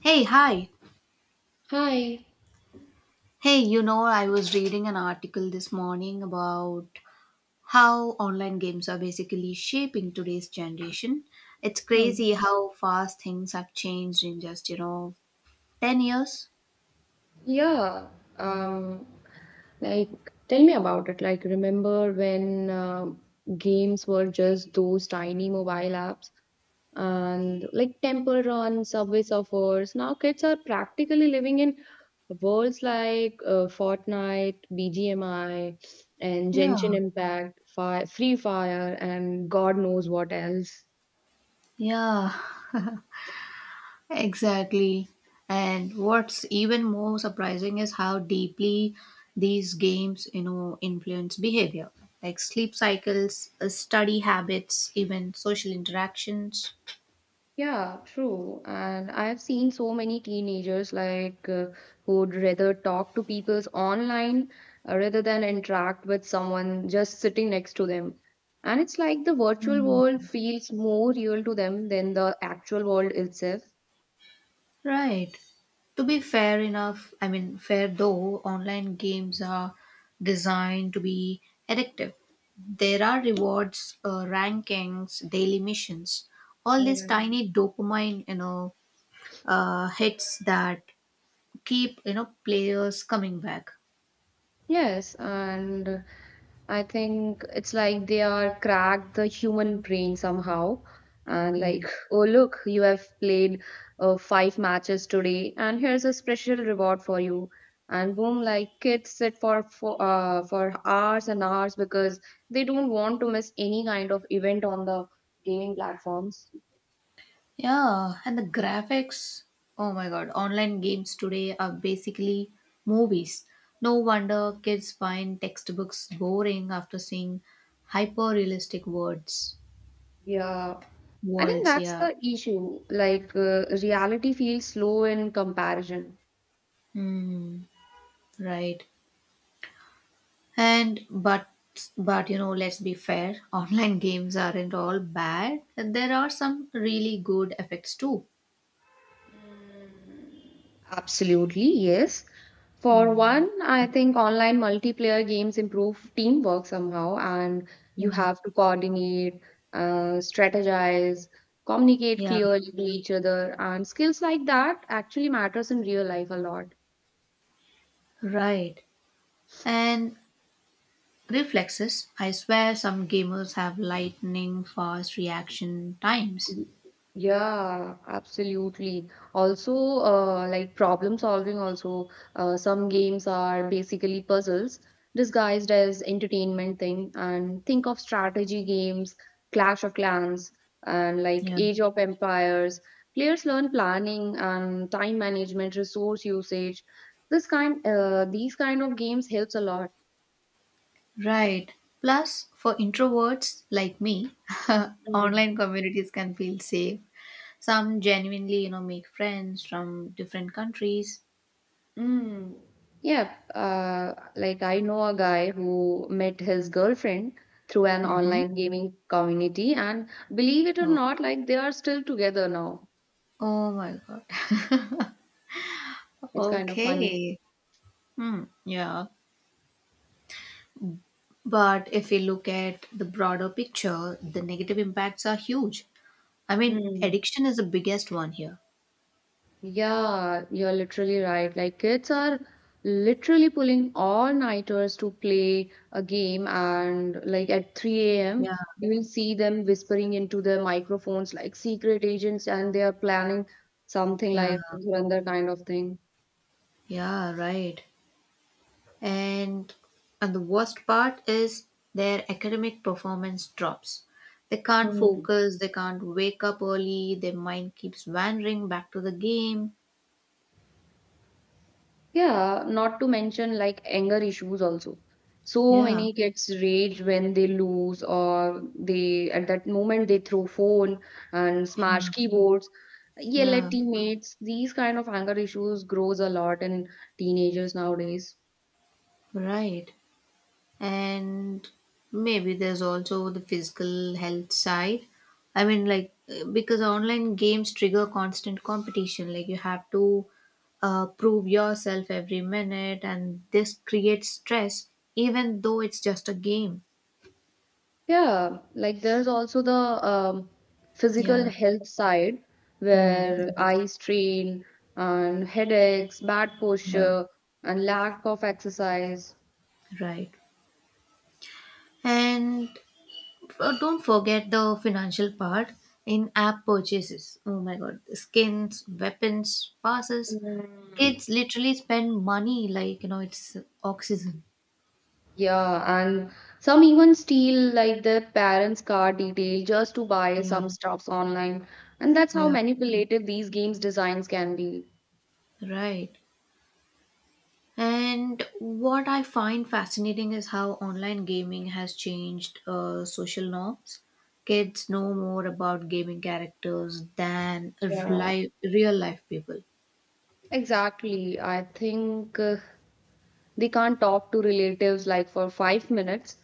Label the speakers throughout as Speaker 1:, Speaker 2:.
Speaker 1: Hey, hi.
Speaker 2: Hi.
Speaker 1: Hey, I was reading an article this morning about how online games are basically shaping today's generation. It's
Speaker 2: Mm.
Speaker 1: crazy how fast things have changed in just, 10 years.
Speaker 2: Yeah. Um, like, tell me about it. Like, remember when games were just those tiny mobile apps and like Temple Run, Subway Surfers? Now kids are practically living in worlds like Fortnite, BGMI, and
Speaker 1: Yeah,
Speaker 2: Genshin Impact, Fi Free Fire, and God knows what else.
Speaker 1: yeah, exactly. And what's even more surprising is how deeply these games, influence behavior, like sleep cycles, study habits, even social interactions.
Speaker 2: Yeah, true. And I've seen so many teenagers like who'd rather talk to people online rather than interact with someone just sitting next to them. And it's like the virtual world feels more real to them than the actual world itself.
Speaker 1: Right. To be fair enough, I mean, fair though, online games are designed to be addictive. There are rewards, rankings, daily missions, all these
Speaker 2: Yeah.
Speaker 1: tiny dopamine, hits that keep, players coming back.
Speaker 2: Yes, and I think it's like they are cracked the human brain somehow. And
Speaker 1: Hmm.
Speaker 2: like, oh look, you have played five matches today, and here's a special reward for you. And boom, like kids sit for hours and hours because they don't want to miss any kind of event on the gaming platforms.
Speaker 1: Yeah, and the graphics. Oh my god, online games today are basically movies. No wonder kids find textbooks boring after seeing hyper realistic words.
Speaker 2: Yeah, I think
Speaker 1: Worlds,
Speaker 2: that's
Speaker 1: yeah.
Speaker 2: the issue. Like, reality feels slow in comparison.
Speaker 1: Hmm, right. And but let's be fair, online games aren't all bad. There are some really good effects too.
Speaker 2: Absolutely, yes. For one,
Speaker 1: Hmm.
Speaker 2: I think online multiplayer games improve teamwork somehow, and you
Speaker 1: Yeah.
Speaker 2: have to coordinate, strategize, communicate
Speaker 1: Yeah.
Speaker 2: clearly to each other, and skills like that actually matters in real life a lot.
Speaker 1: Right. And reflexes. I swear some gamers have lightning fast reaction times.
Speaker 2: Y- Yeah, absolutely. Also, like problem solving, also, some games are basically puzzles disguised as entertainment thing. And think of strategy games, Clash of Clans, and like
Speaker 1: Yeah.
Speaker 2: Age of Empires. Players learn planning and time management, resource usage. These kind of games helps a lot.
Speaker 1: Right. Plus, for introverts like me, online communities can feel safe. Some genuinely, make friends from different countries.
Speaker 2: Mm. Yeah, like I know a guy who met his girlfriend through an
Speaker 1: Mm-hmm.
Speaker 2: online gaming community, and believe it or
Speaker 1: Okay.
Speaker 2: not, like they are still together now.
Speaker 1: Oh my God.
Speaker 2: It's kind of funny.
Speaker 1: Okay. Hmm. Yeah. But if we look at the broader picture, the negative impacts are huge. I mean,
Speaker 2: Hmm.
Speaker 1: addiction is the biggest one here.
Speaker 2: Yeah, you're literally right. Like kids are literally pulling all-nighters to play a game, and like at 3 a.m.,
Speaker 1: Yeah.
Speaker 2: you will see them whispering into their microphones like secret agents, and they are planning something
Speaker 1: Yeah.
Speaker 2: like Dhurandhar kind of thing.
Speaker 1: Yeah, right. And and the worst part is their academic performance drops. They can't
Speaker 2: Mm.
Speaker 1: focus, they can't wake up early, their mind keeps wandering back to the game.
Speaker 2: Yeah, not to mention like anger issues also. So
Speaker 1: Yeah,
Speaker 2: many kids rage when they lose or they at that moment they throw phone and smash keyboards, yell
Speaker 1: yeah,
Speaker 2: at teammates. These kind of anger issues grows a lot in teenagers nowadays.
Speaker 1: right. And maybe there's also the physical health side. I mean, because online games trigger constant competition, like you have to prove yourself every minute and this creates stress even though it's just a game.
Speaker 2: Yeah, like there's also the physical
Speaker 1: Yeah.
Speaker 2: health side where
Speaker 1: Hmm.
Speaker 2: eye strain and headaches, bad
Speaker 1: Yeah,
Speaker 2: posture, and lack of exercise.
Speaker 1: right. And but don't forget the financial part, in app purchases. Oh my god, skins, weapons, passes.
Speaker 2: Mm.
Speaker 1: Kids literally spend money like it's oxygen.
Speaker 2: Yeah, and some even steal like their parents' car detail just to buy
Speaker 1: Yeah,
Speaker 2: some stuffs online. And that's how
Speaker 1: yeah,
Speaker 2: manipulative these games designs can be.
Speaker 1: right. And what I find fascinating is how online gaming has changed social norms. Kids know more about gaming characters than
Speaker 2: Yeah,
Speaker 1: life, real life people.
Speaker 2: exactly. I think they can't talk to relatives like for 5 minutes,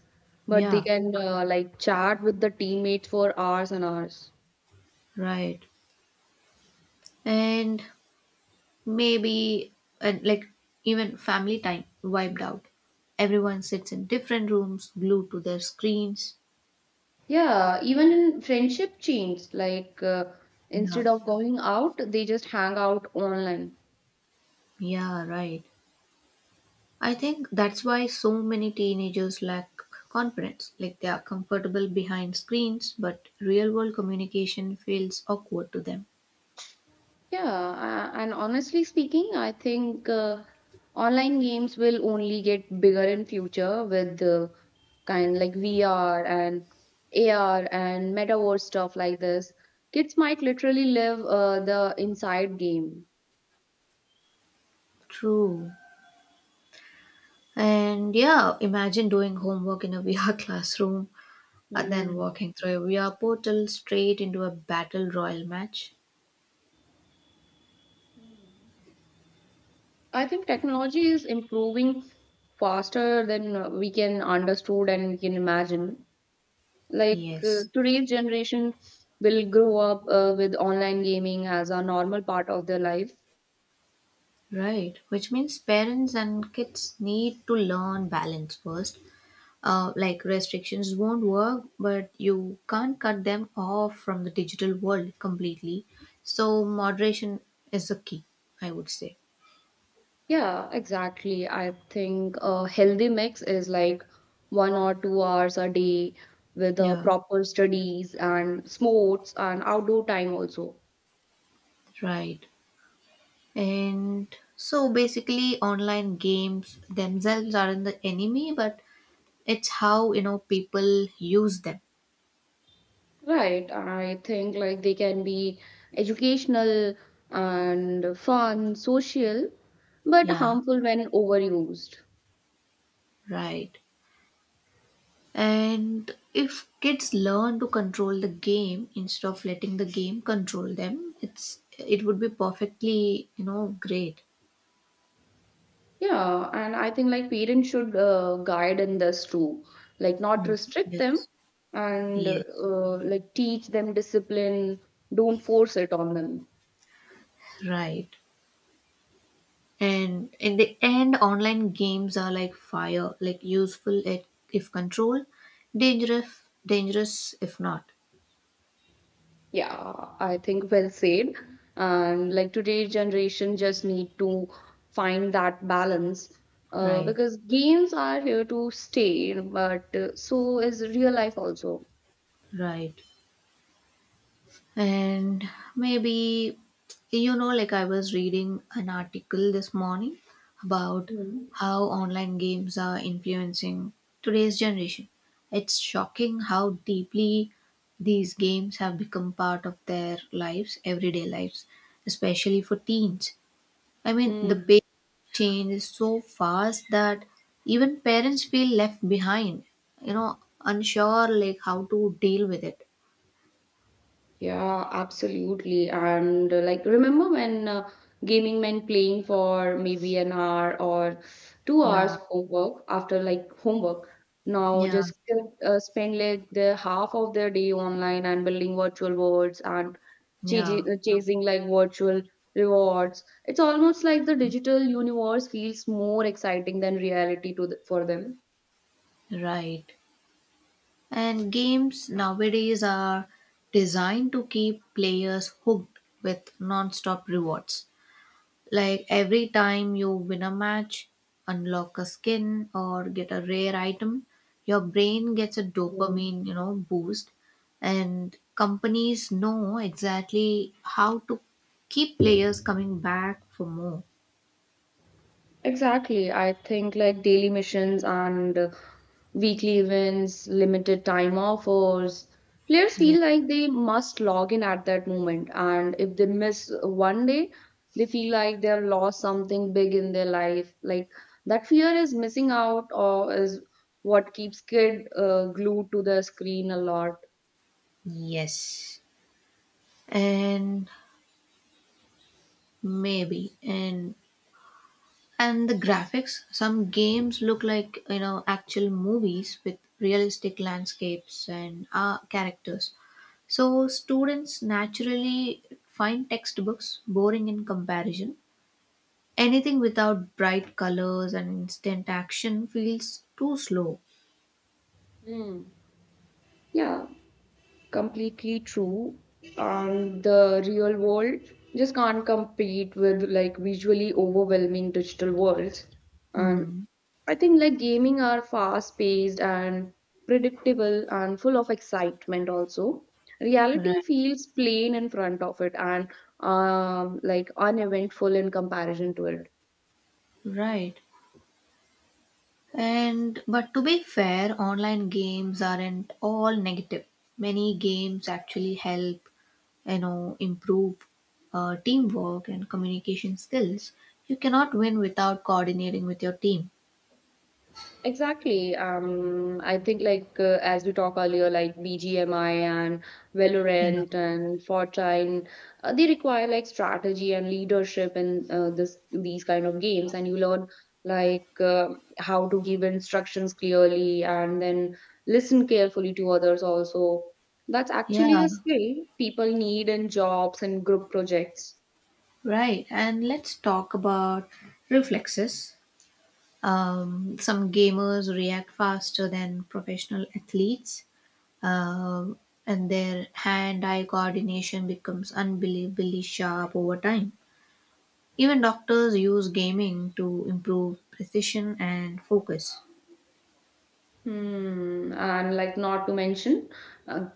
Speaker 2: but they
Speaker 1: Yeah,
Speaker 2: can like chat with the teammates for hours and hours.
Speaker 1: right. And maybe uh, like even family time wiped out, everyone sits in different rooms glued to their screens.
Speaker 2: Yeah, even in friendship chains, like
Speaker 1: Yeah,
Speaker 2: instead of going out, they just hang out online.
Speaker 1: yeah, right. I think that's why so many teenagers lack confidence, like they are comfortable behind screens but real world communication feels awkward to them.
Speaker 2: Yeah, and honestly speaking, I think online games will only get bigger in future with the kind like VR and AR and metaverse stuff like this. Kids might literally live the inside game.
Speaker 1: True. And yeah, imagine doing homework in a VR classroom and then
Speaker 2: Mm.
Speaker 1: walking through a VR portal straight into a battle royal match.
Speaker 2: I think technology is improving faster than we can understood and we can imagine. Like
Speaker 1: Yes.
Speaker 2: today's generation will grow up with online gaming as a normal part of their life.
Speaker 1: Right, which means parents and kids need to learn balance first. Like restrictions won't work, but you can't cut them off from the digital world completely. So, moderation is the key, I would say.
Speaker 2: Yeah, exactly. I think a healthy mix is like 1 or 2 hours a day with the
Speaker 1: Yeah,
Speaker 2: proper studies and sports and outdoor time also.
Speaker 1: right. And so basically, online games themselves aren't the enemy, but it's how people use them.
Speaker 2: Right. I think like they can be educational and fun, social, but
Speaker 1: Yeah,
Speaker 2: harmful when overused.
Speaker 1: right. And if kids learn to control the game instead of letting the game control them, it would be perfectly, great.
Speaker 2: Yeah, and I think like parents should guide in this too, like not restrict them
Speaker 1: Yes.
Speaker 2: and
Speaker 1: Yes.
Speaker 2: like teach them discipline, don't force it on them.
Speaker 1: Right. And in the end, online games are like fire, like useful at, if controlled, dangerous, dangerous if not.
Speaker 2: Yeah, I think well said. And like today's generation just need to find that balance
Speaker 1: Right.
Speaker 2: because games are here to stay, but so is real life also.
Speaker 1: Right. And maybe, I was reading an article this morning about how online games are influencing today's generation. It's shocking how deeply these games have become part of their lives, everyday lives, especially for teens. I mean, the
Speaker 2: Mm.
Speaker 1: pace of change is so fast that even parents feel left behind, unsure like how to deal with it.
Speaker 2: Yeah, absolutely. And like, remember when gaming meant playing for maybe an hour or 2 hours
Speaker 1: Yeah,
Speaker 2: homework after like homework? Now
Speaker 1: yeah,
Speaker 2: just spend like the half of their day online and building virtual worlds and chasing,
Speaker 1: yeah.
Speaker 2: uh, chasing like virtual rewards. It's almost like the digital universe feels more exciting than reality to for
Speaker 1: Right. And games nowadays are designed to keep players hooked with non-stop rewards. Like every time you win a match, unlock a skin or get a rare item, your brain gets a
Speaker 2: them.
Speaker 1: dopamine, boost, and companies know exactly how to keep players coming back for more.
Speaker 2: Exactly. I think like daily missions and weekly events, limited time offers. Players
Speaker 1: Yeah.
Speaker 2: feel like they must log in at that moment, and if they miss one day, they feel like they've lost something big in their life. Like that fear is missing out, or is what keeps kid glued to the screen a lot.
Speaker 1: Yeah. Yes. And and and the graphics, some games look like actual movies with realistic landscapes and characters. So students naturally find textbooks boring in comparison. Anything without bright colors and instant action feels too slow.
Speaker 2: Hmm. Yeah. Completely true, and the real world just can't compete with like visually overwhelming digital worlds. And
Speaker 1: Hmm.
Speaker 2: I think like gaming are fast paced and predictable and full of excitement also. Reality
Speaker 1: Right.
Speaker 2: feels plain in front of it, and like uneventful in comparison to it.
Speaker 1: Right. And but to be fair, online games aren't all negative. Many games actually help, improve teamwork and communication skills. You cannot win without coordinating with your team.
Speaker 2: Exactly. I think like as we talked earlier, like BGMI and
Speaker 1: Yeah.
Speaker 2: Valorant and Fortnite, they require like strategy and leadership in this these kind of games, and you learn like how to give instructions clearly and then listen carefully to others also. That's
Speaker 1: Yeah,
Speaker 2: actually a skill people need in jobs and group projects.
Speaker 1: right. And let's talk about reflexes. Some gamers react faster than professional athletes, um, and their hand eye coordination becomes unbelievably sharp over time. Even doctors use gaming to improve precision and focus.
Speaker 2: Hmm, and like not to mention, uh,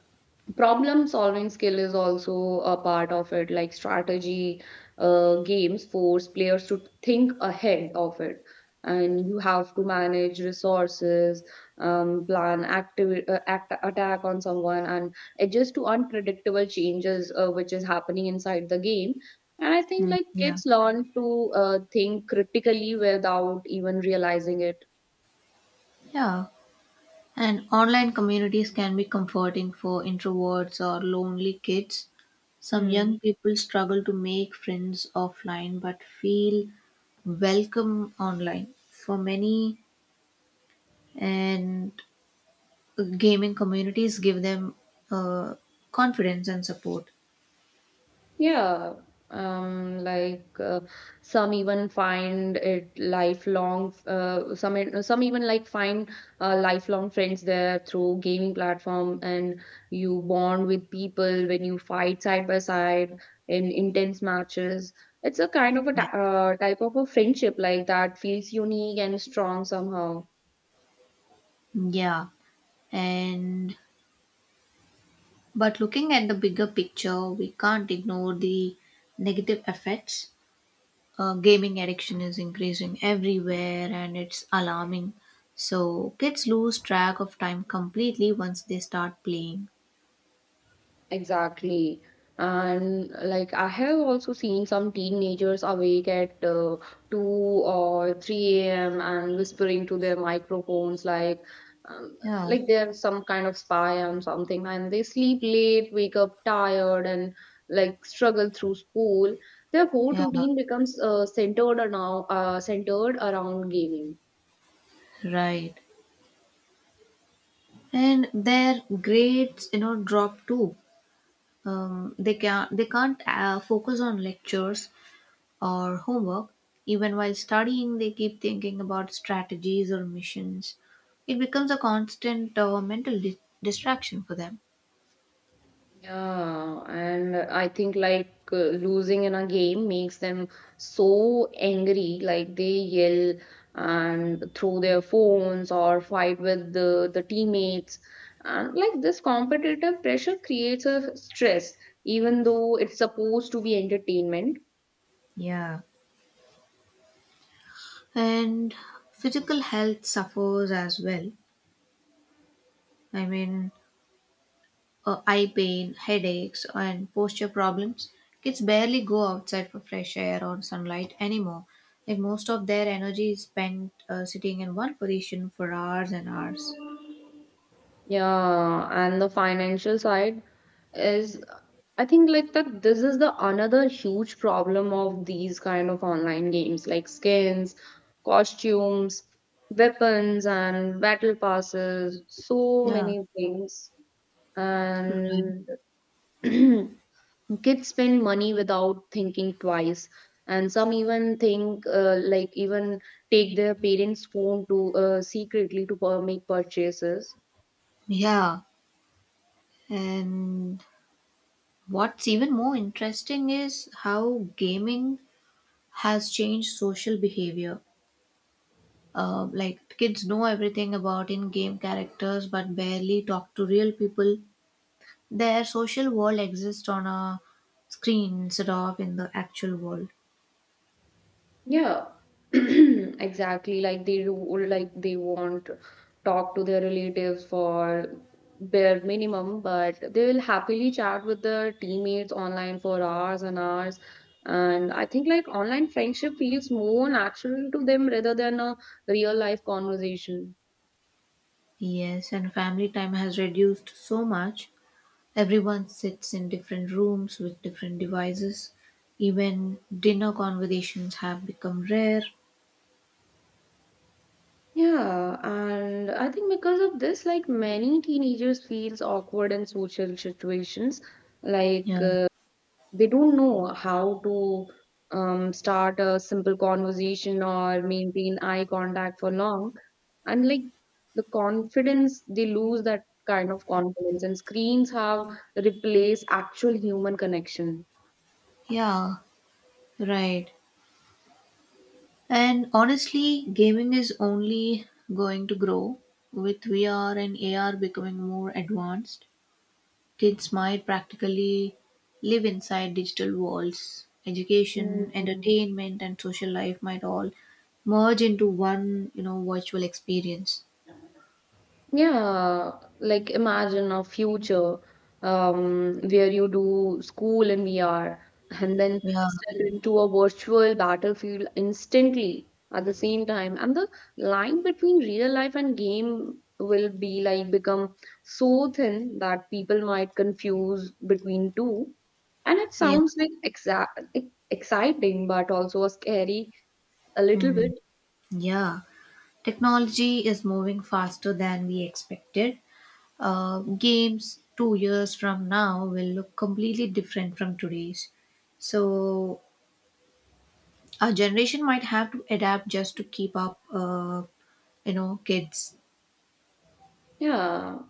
Speaker 2: problem solving skill is also a part of it. Like strategy games force players to think ahead of it, and you have to manage resources, plan active act attack on someone, and adjust to unpredictable changes which is happening inside the game. And I think
Speaker 1: Mm,
Speaker 2: like
Speaker 1: yeah.
Speaker 2: kids learn to think critically without even realizing it.
Speaker 1: Yeah. And online communities can be comforting for introverts or lonely kids. Some young people struggle to make friends offline but feel welcome online. For many, and gaming communities give them uh, confidence and support.
Speaker 2: Yeah, um, like uh, some even find it lifelong. Some even like find lifelong friends there through gaming platform, and you bond with people when you fight side by side in intense matches. It's a kind of a t-
Speaker 1: Yeah.
Speaker 2: uh, type of a friendship like that feels unique and strong somehow.
Speaker 1: Yeah. And but looking at the bigger picture, we can't ignore the negative effects. Gaming addiction is increasing everywhere and it's alarming. So kids lose track of time completely once they start playing.
Speaker 2: Exactly. And like I have also seen some teenagers awake at 2 or 3 a.m. and whispering to their microphones um,
Speaker 1: Yeah,
Speaker 2: like they're some kind of spy or something and they sleep late, wake up tired and like struggle through school. Their whole
Speaker 1: yeah,
Speaker 2: routine becomes centered around gaming.
Speaker 1: right. And their grades, drop too. They can not they can't focus on lectures or homework. Even while studying, they keep thinking about strategies or missions. It becomes a constant mental distraction for them.
Speaker 2: Yeah, and I think like losing in a game makes them so angry, like they yell and throw their phones or fight with the teammates. And like this competitive pressure creates a stress, even though it's supposed to be entertainment.
Speaker 1: Yeah. And physical health suffers as well. I mean, eye pain, headaches, and posture problems. Kids barely go outside for fresh air or sunlight anymore. Like most of their energy is spent sitting in one position for hours and hours.
Speaker 2: Yeah, and the financial side is, I think, like that this is the another huge problem of these kind of online games like skins, costumes, weapons, and battle passes, so
Speaker 1: Yeah.
Speaker 2: many things.
Speaker 1: Right.
Speaker 2: And kids spend money without thinking twice. And some even think, even take their parents' phone to secretly to make purchases.
Speaker 1: Yeah, and what's even more interesting is how gaming has changed social behavior. Like kids know everything about in-game characters but barely talk to real people. Their social world exists on a screen instead of in the actual world.
Speaker 2: Yeah, exactly. Like they do, like they won't talk to their relatives for bare minimum, but they will happily chat with their teammates online for hours and hours. And I think like online friendship feels more natural to them rather than a real life conversation.
Speaker 1: Yes, and family time has reduced so much. Everyone sits in different rooms with different devices. Even dinner conversations have become rare.
Speaker 2: Yeah, and I think because of this, like many teenagers feels awkward in social situations, like
Speaker 1: Yeah.
Speaker 2: they don't know how to start a simple conversation or maintain eye contact for long, and like the confidence they lose that kind of confidence, and screens have replaced actual human connection.
Speaker 1: Yeah, right. And honestly, gaming is only going to grow with VR and AR becoming more advanced. Kids might practically live inside digital worlds. Education, entertainment, and social life might all merge into one, virtual experience.
Speaker 2: Yeah, like imagine a future where you do school in VR and then
Speaker 1: Yeah,
Speaker 2: step into a virtual battlefield instantly at the same time. And the line between real life and game will be like become so thin that people might confuse between two. And it
Speaker 1: yeah,
Speaker 2: sounds like exciting, but also scary a little
Speaker 1: mm,
Speaker 2: bit.
Speaker 1: yeah. Technology is moving faster than we expected, games 2 years from now will look completely different from today's. So our generation might have to adapt just to keep up, kids.
Speaker 2: Yeah.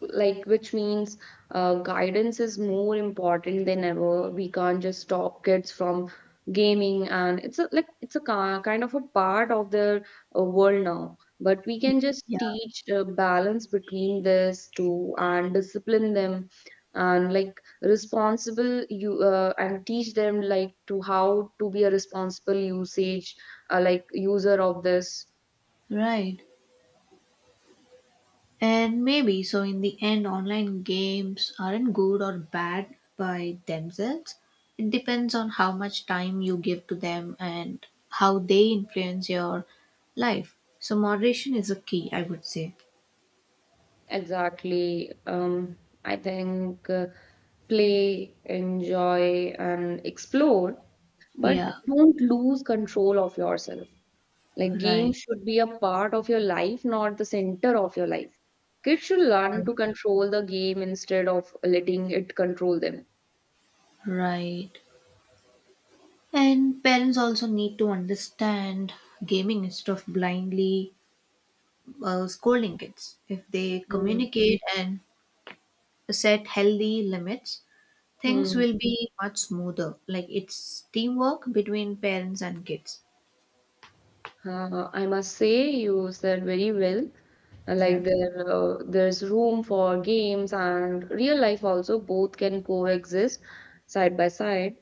Speaker 2: Like which means guidance is more important than ever. We can't just stop kids from gaming, and it's a like it's a ki- kind of a part of their world now, but we can just
Speaker 1: Yeah,
Speaker 2: teach a balance between this two and discipline them and like responsible you and teach them like to how to be a responsible usage, like user of this.
Speaker 1: right. And maybe so in the end, online games aren't good or bad by themselves. It depends on how much time you give to them and how they influence your life. So moderation is a key, I would say.
Speaker 2: Exactly. I think play, enjoy, and explore,
Speaker 1: Yeah,
Speaker 2: but don't lose control of yourself. Like,
Speaker 1: right.
Speaker 2: games should be a part of your life, not the center of your life. Kids should learn to control the game instead of letting it control them.
Speaker 1: Right. And parents also need to understand gaming instead of blindly scolding kids. If they
Speaker 2: Hmm.
Speaker 1: communicate and set healthy limits, things
Speaker 2: Hmm.
Speaker 1: will be much smoother. Like it's teamwork between parents and kids.
Speaker 2: I must say, you said very well. Uh,
Speaker 1: Yeah.
Speaker 2: Like there, uh, there's room for games and real life also. Both can coexist side by side.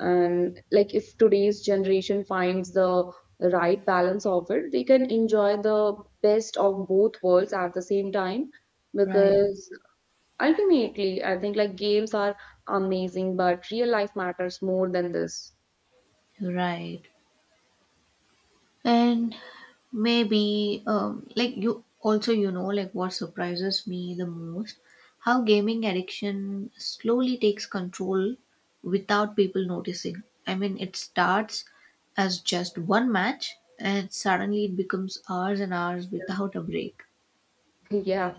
Speaker 2: And like if today's generation finds the right balance of it, they can enjoy the best of both worlds at the same time.
Speaker 1: Right.
Speaker 2: Because ultimately, I think like games are amazing, but real life matters more than this.
Speaker 1: Right. And maybe, like you also, you know, like what surprises me the most, how gaming addiction slowly takes control without people noticing. I mean, it starts as just one match and suddenly it becomes hours and hours without a break.
Speaker 2: Yeah,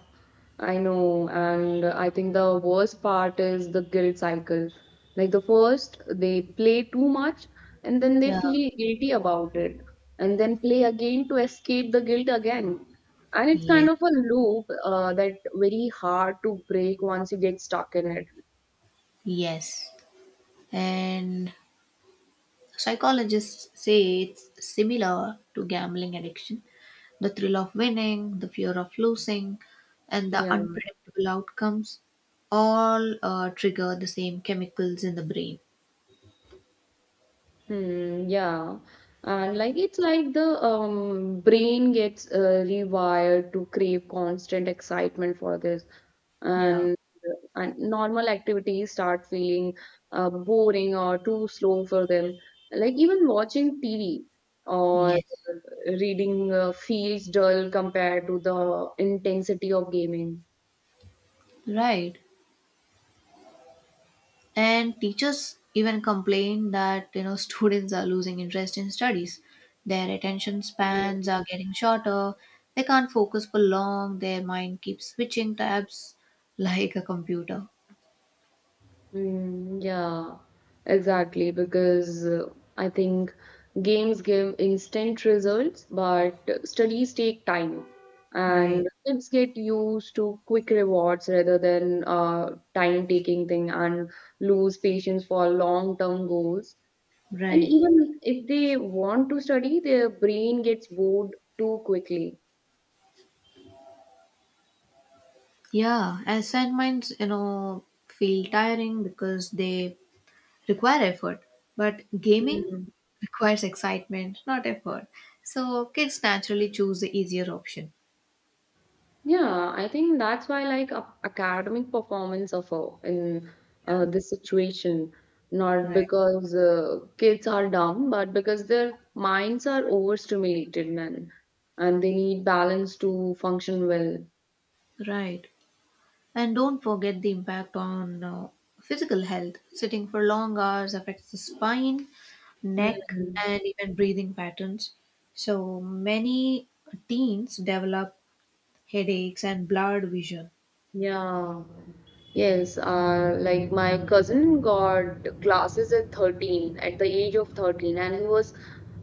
Speaker 2: I know. And I think the worst part is the guilt cycle. Like the first, they play too much and then they
Speaker 1: Yeah.
Speaker 2: feel guilty about it and then play again to escape the guilt again. And it's kind of a
Speaker 1: Yes.
Speaker 2: loop that very hard to break once you get stuck in it.
Speaker 1: Yes. And psychologists say it's similar to gambling addiction, the thrill of winning, the fear of losing, and the
Speaker 2: Yeah.
Speaker 1: unpredictable outcomes all trigger the same chemicals in the brain.
Speaker 2: Hmm, yeah. And like it's like the brain gets rewired to crave constant excitement for this,
Speaker 1: Yeah.
Speaker 2: and and normal activities start feeling boring or too slow for them. Like even watching TV or
Speaker 1: Yes.
Speaker 2: reading feels dull compared to the intensity of gaming.
Speaker 1: Right. And teachers even complain that, students are losing interest in studies. Their attention spans are getting shorter. They can't focus for long. Their mind keeps switching tabs like a computer.
Speaker 2: Mm, yeah, exactly. Because I think games give instant results, but studies take time, and
Speaker 1: Right.
Speaker 2: kids get used to quick rewards rather than time-taking thing and lose patience for long-term goals. And
Speaker 1: Right.
Speaker 2: even if they want to study, their brain gets bored too quickly.
Speaker 1: Yeah, assignments, feel tiring because they require effort. But gaming requires excitement, not effort. So kids naturally choose the easier option.
Speaker 2: Yeah, I think that's why like a academic performance suffer in
Speaker 1: Yeah.
Speaker 2: this situation, not
Speaker 1: Right.
Speaker 2: because kids are dumb, but because their minds are overstimulated and they need balance to function well.
Speaker 1: Right. And don't forget the impact on physical health. Sitting for long hours affects the spine, neck,
Speaker 2: Hmm.
Speaker 1: and even breathing patterns. So many teens develop headaches and blurred vision.
Speaker 2: Yeah. Yes, like my cousin got classes at 13, at the age of 13, and he was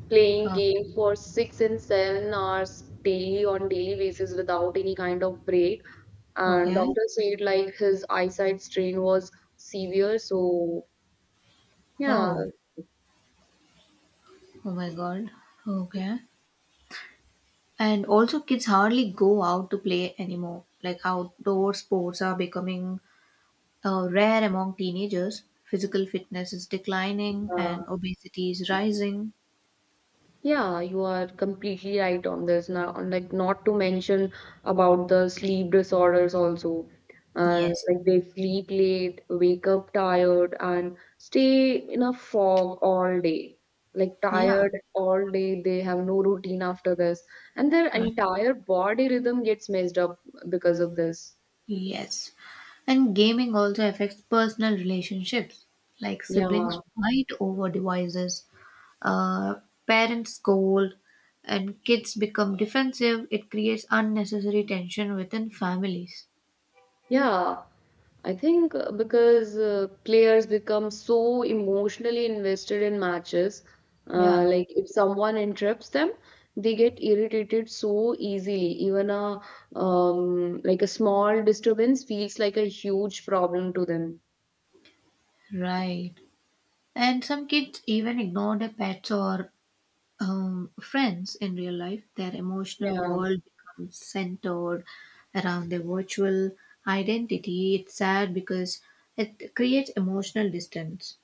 Speaker 2: playing
Speaker 1: Huh.
Speaker 2: games for 6 and 7 hours daily on daily basis without any kind of break. And
Speaker 1: Okay.
Speaker 2: doctor said like his eyesight strain was severe, so yeah,
Speaker 1: Oh, oh my God. Okay. And also, kids hardly go out to play anymore. Like outdoor sports are becoming rare among teenagers. Physical fitness is declining
Speaker 2: uh,
Speaker 1: and obesity is rising.
Speaker 2: yeah, you are completely right on this now, and like not to mention about the sleep disorders also. And
Speaker 1: Yes.
Speaker 2: like they sleep late, wake up tired, and stay in a fog all day. Like
Speaker 1: Yeah.
Speaker 2: tired all day, they have no routine after this, and their
Speaker 1: Right.
Speaker 2: entire body rhythm gets messed up because of this.
Speaker 1: Yes. And gaming also affects personal relationships, like siblings
Speaker 2: Yeah,
Speaker 1: fight over devices, uh, parents scold, and kids become defensive. It creates unnecessary tension within families.
Speaker 2: yeah. I think because players become so emotionally invested in matches,
Speaker 1: Yeah,
Speaker 2: like if someone interrupts them, they get irritated so easily. Even a like a small disturbance feels like a huge problem to them.
Speaker 1: right. And some kids even ignore their pets or friends in real life, their emotional
Speaker 2: Yeah.
Speaker 1: world becomes centered around their virtual identity. It's sad because it creates emotional distance.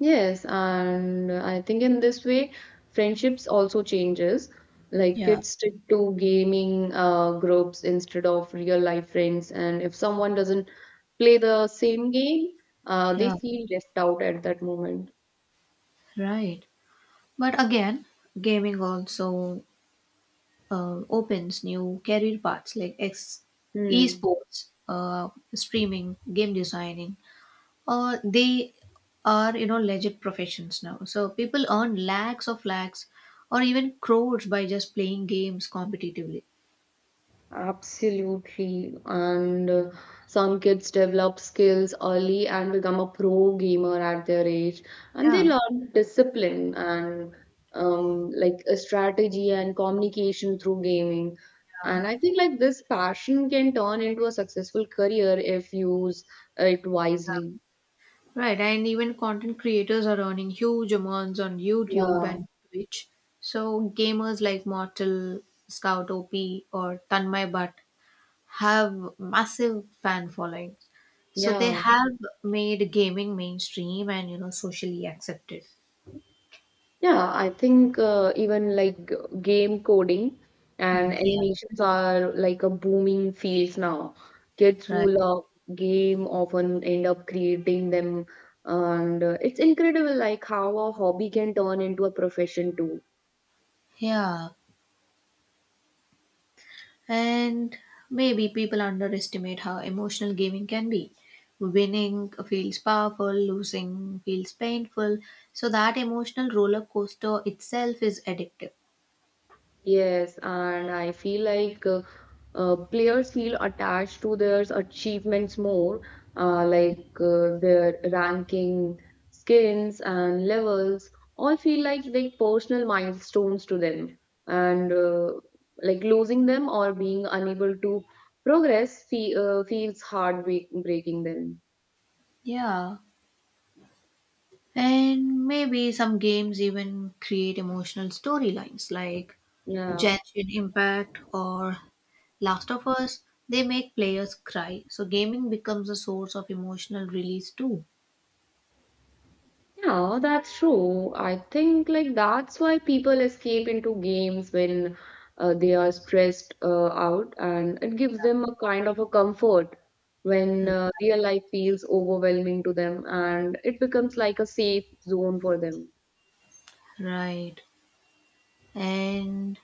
Speaker 2: Yes, and I think in this way, friendships also changes. Like
Speaker 1: Yeah,
Speaker 2: kids stick to gaming groups instead of real life friends, and if someone doesn't play the same game, they
Speaker 1: yeah,
Speaker 2: feel left out at that moment.
Speaker 1: right. But again, gaming also opens new career paths like
Speaker 2: Hmm.
Speaker 1: esports, streaming, game designing, they are legit professions now, so people earn lakhs of lakhs or even crores by just playing games competitively.
Speaker 2: Absolutely. And some kids develop skills early and become a pro gamer at their age. And they
Speaker 1: Yeah,
Speaker 2: learn discipline and like a strategy and communication through gaming.
Speaker 1: yeah.
Speaker 2: And I think like this passion can turn into a successful career if used it wisely.
Speaker 1: Right. And even content creators are earning huge amounts on YouTube
Speaker 2: Yeah.
Speaker 1: and Twitch, so gamers like Mortal, Scout OP, or Tanmay Butt have massive fan followings, so they
Speaker 2: Yeah.
Speaker 1: have made gaming mainstream and socially accepted.
Speaker 2: Yeah, I think even like game coding and
Speaker 1: Mm, yeah,
Speaker 2: animations are like a booming fields now. Kids who
Speaker 1: right,
Speaker 2: love game often end up creating them, and it's incredible like how a hobby can turn into a profession too.
Speaker 1: yeah. And maybe people underestimate how emotional gaming can be. Winning feels powerful, losing feels painful. So that emotional roller coaster itself is addictive.
Speaker 2: Yes, and I feel like players feel attached to their achievements more, like their ranking, skins, and levels all feel like personal milestones to them. And like losing them or being unable to progress fe feels heartbreaking then.
Speaker 1: Yeah. And maybe some games even create emotional storylines like
Speaker 2: Yeah.
Speaker 1: Genshin Impact or Last of Us. They make players cry. So gaming becomes a source of emotional release too.
Speaker 2: Yeah, that's true. I think like that's why people escape into games when they are stressed out, and it gives them a kind of a comfort when real life feels overwhelming to them, and it becomes like a safe zone for them.
Speaker 1: Right. And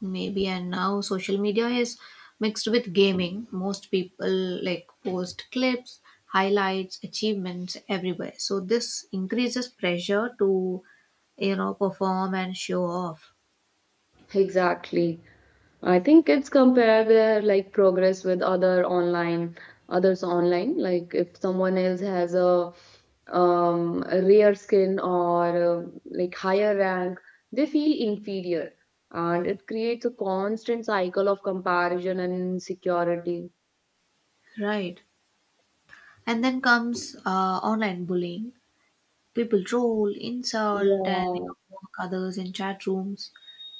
Speaker 1: and now social media is mixed with gaming, most people like post clips, highlights, achievements everywhere, so this increases pressure to perform and show off.
Speaker 2: Exactly. I think kids compare their like progress with others online. Like if someone else has a rare skin or like higher rank, they feel inferior, and it creates a constant cycle of comparison and insecurity.
Speaker 1: Right. And then comes online bullying, people troll, insult, and
Speaker 2: Yeah.
Speaker 1: mock others in chat rooms.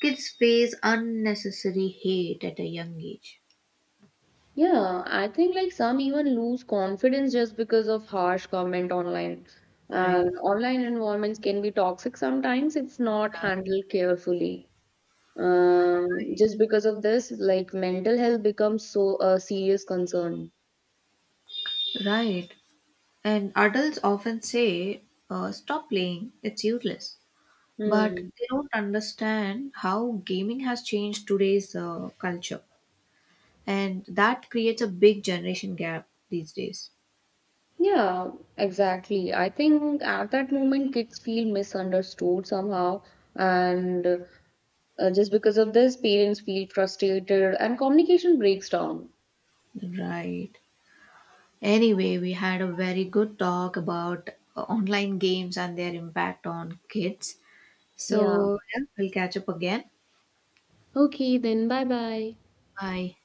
Speaker 1: Kids face unnecessary hate at a young age.
Speaker 2: Yeah, I think like some even lose confidence just because of harsh comment online.
Speaker 1: Right.
Speaker 2: And online environments can be toxic sometimes if not
Speaker 1: Uh,
Speaker 2: handled carefully. Just because of this, like mental health becomes so a serious concern.
Speaker 1: right. And adults often say, stop playing, it's useless. But
Speaker 2: Hmm.
Speaker 1: they don't understand how gaming has changed today's culture. And that creates a big generation gap these days.
Speaker 2: Yeah, exactly. I think at that moment, kids feel misunderstood somehow, and just because of this, parents feel frustrated, and communication breaks down.
Speaker 1: Right. Anyway, we had a very good talk about online games and their impact on kids.
Speaker 2: Yeah.
Speaker 1: So, yeah, we'll catch up again.
Speaker 2: Okay, then bye bye.
Speaker 1: Bye.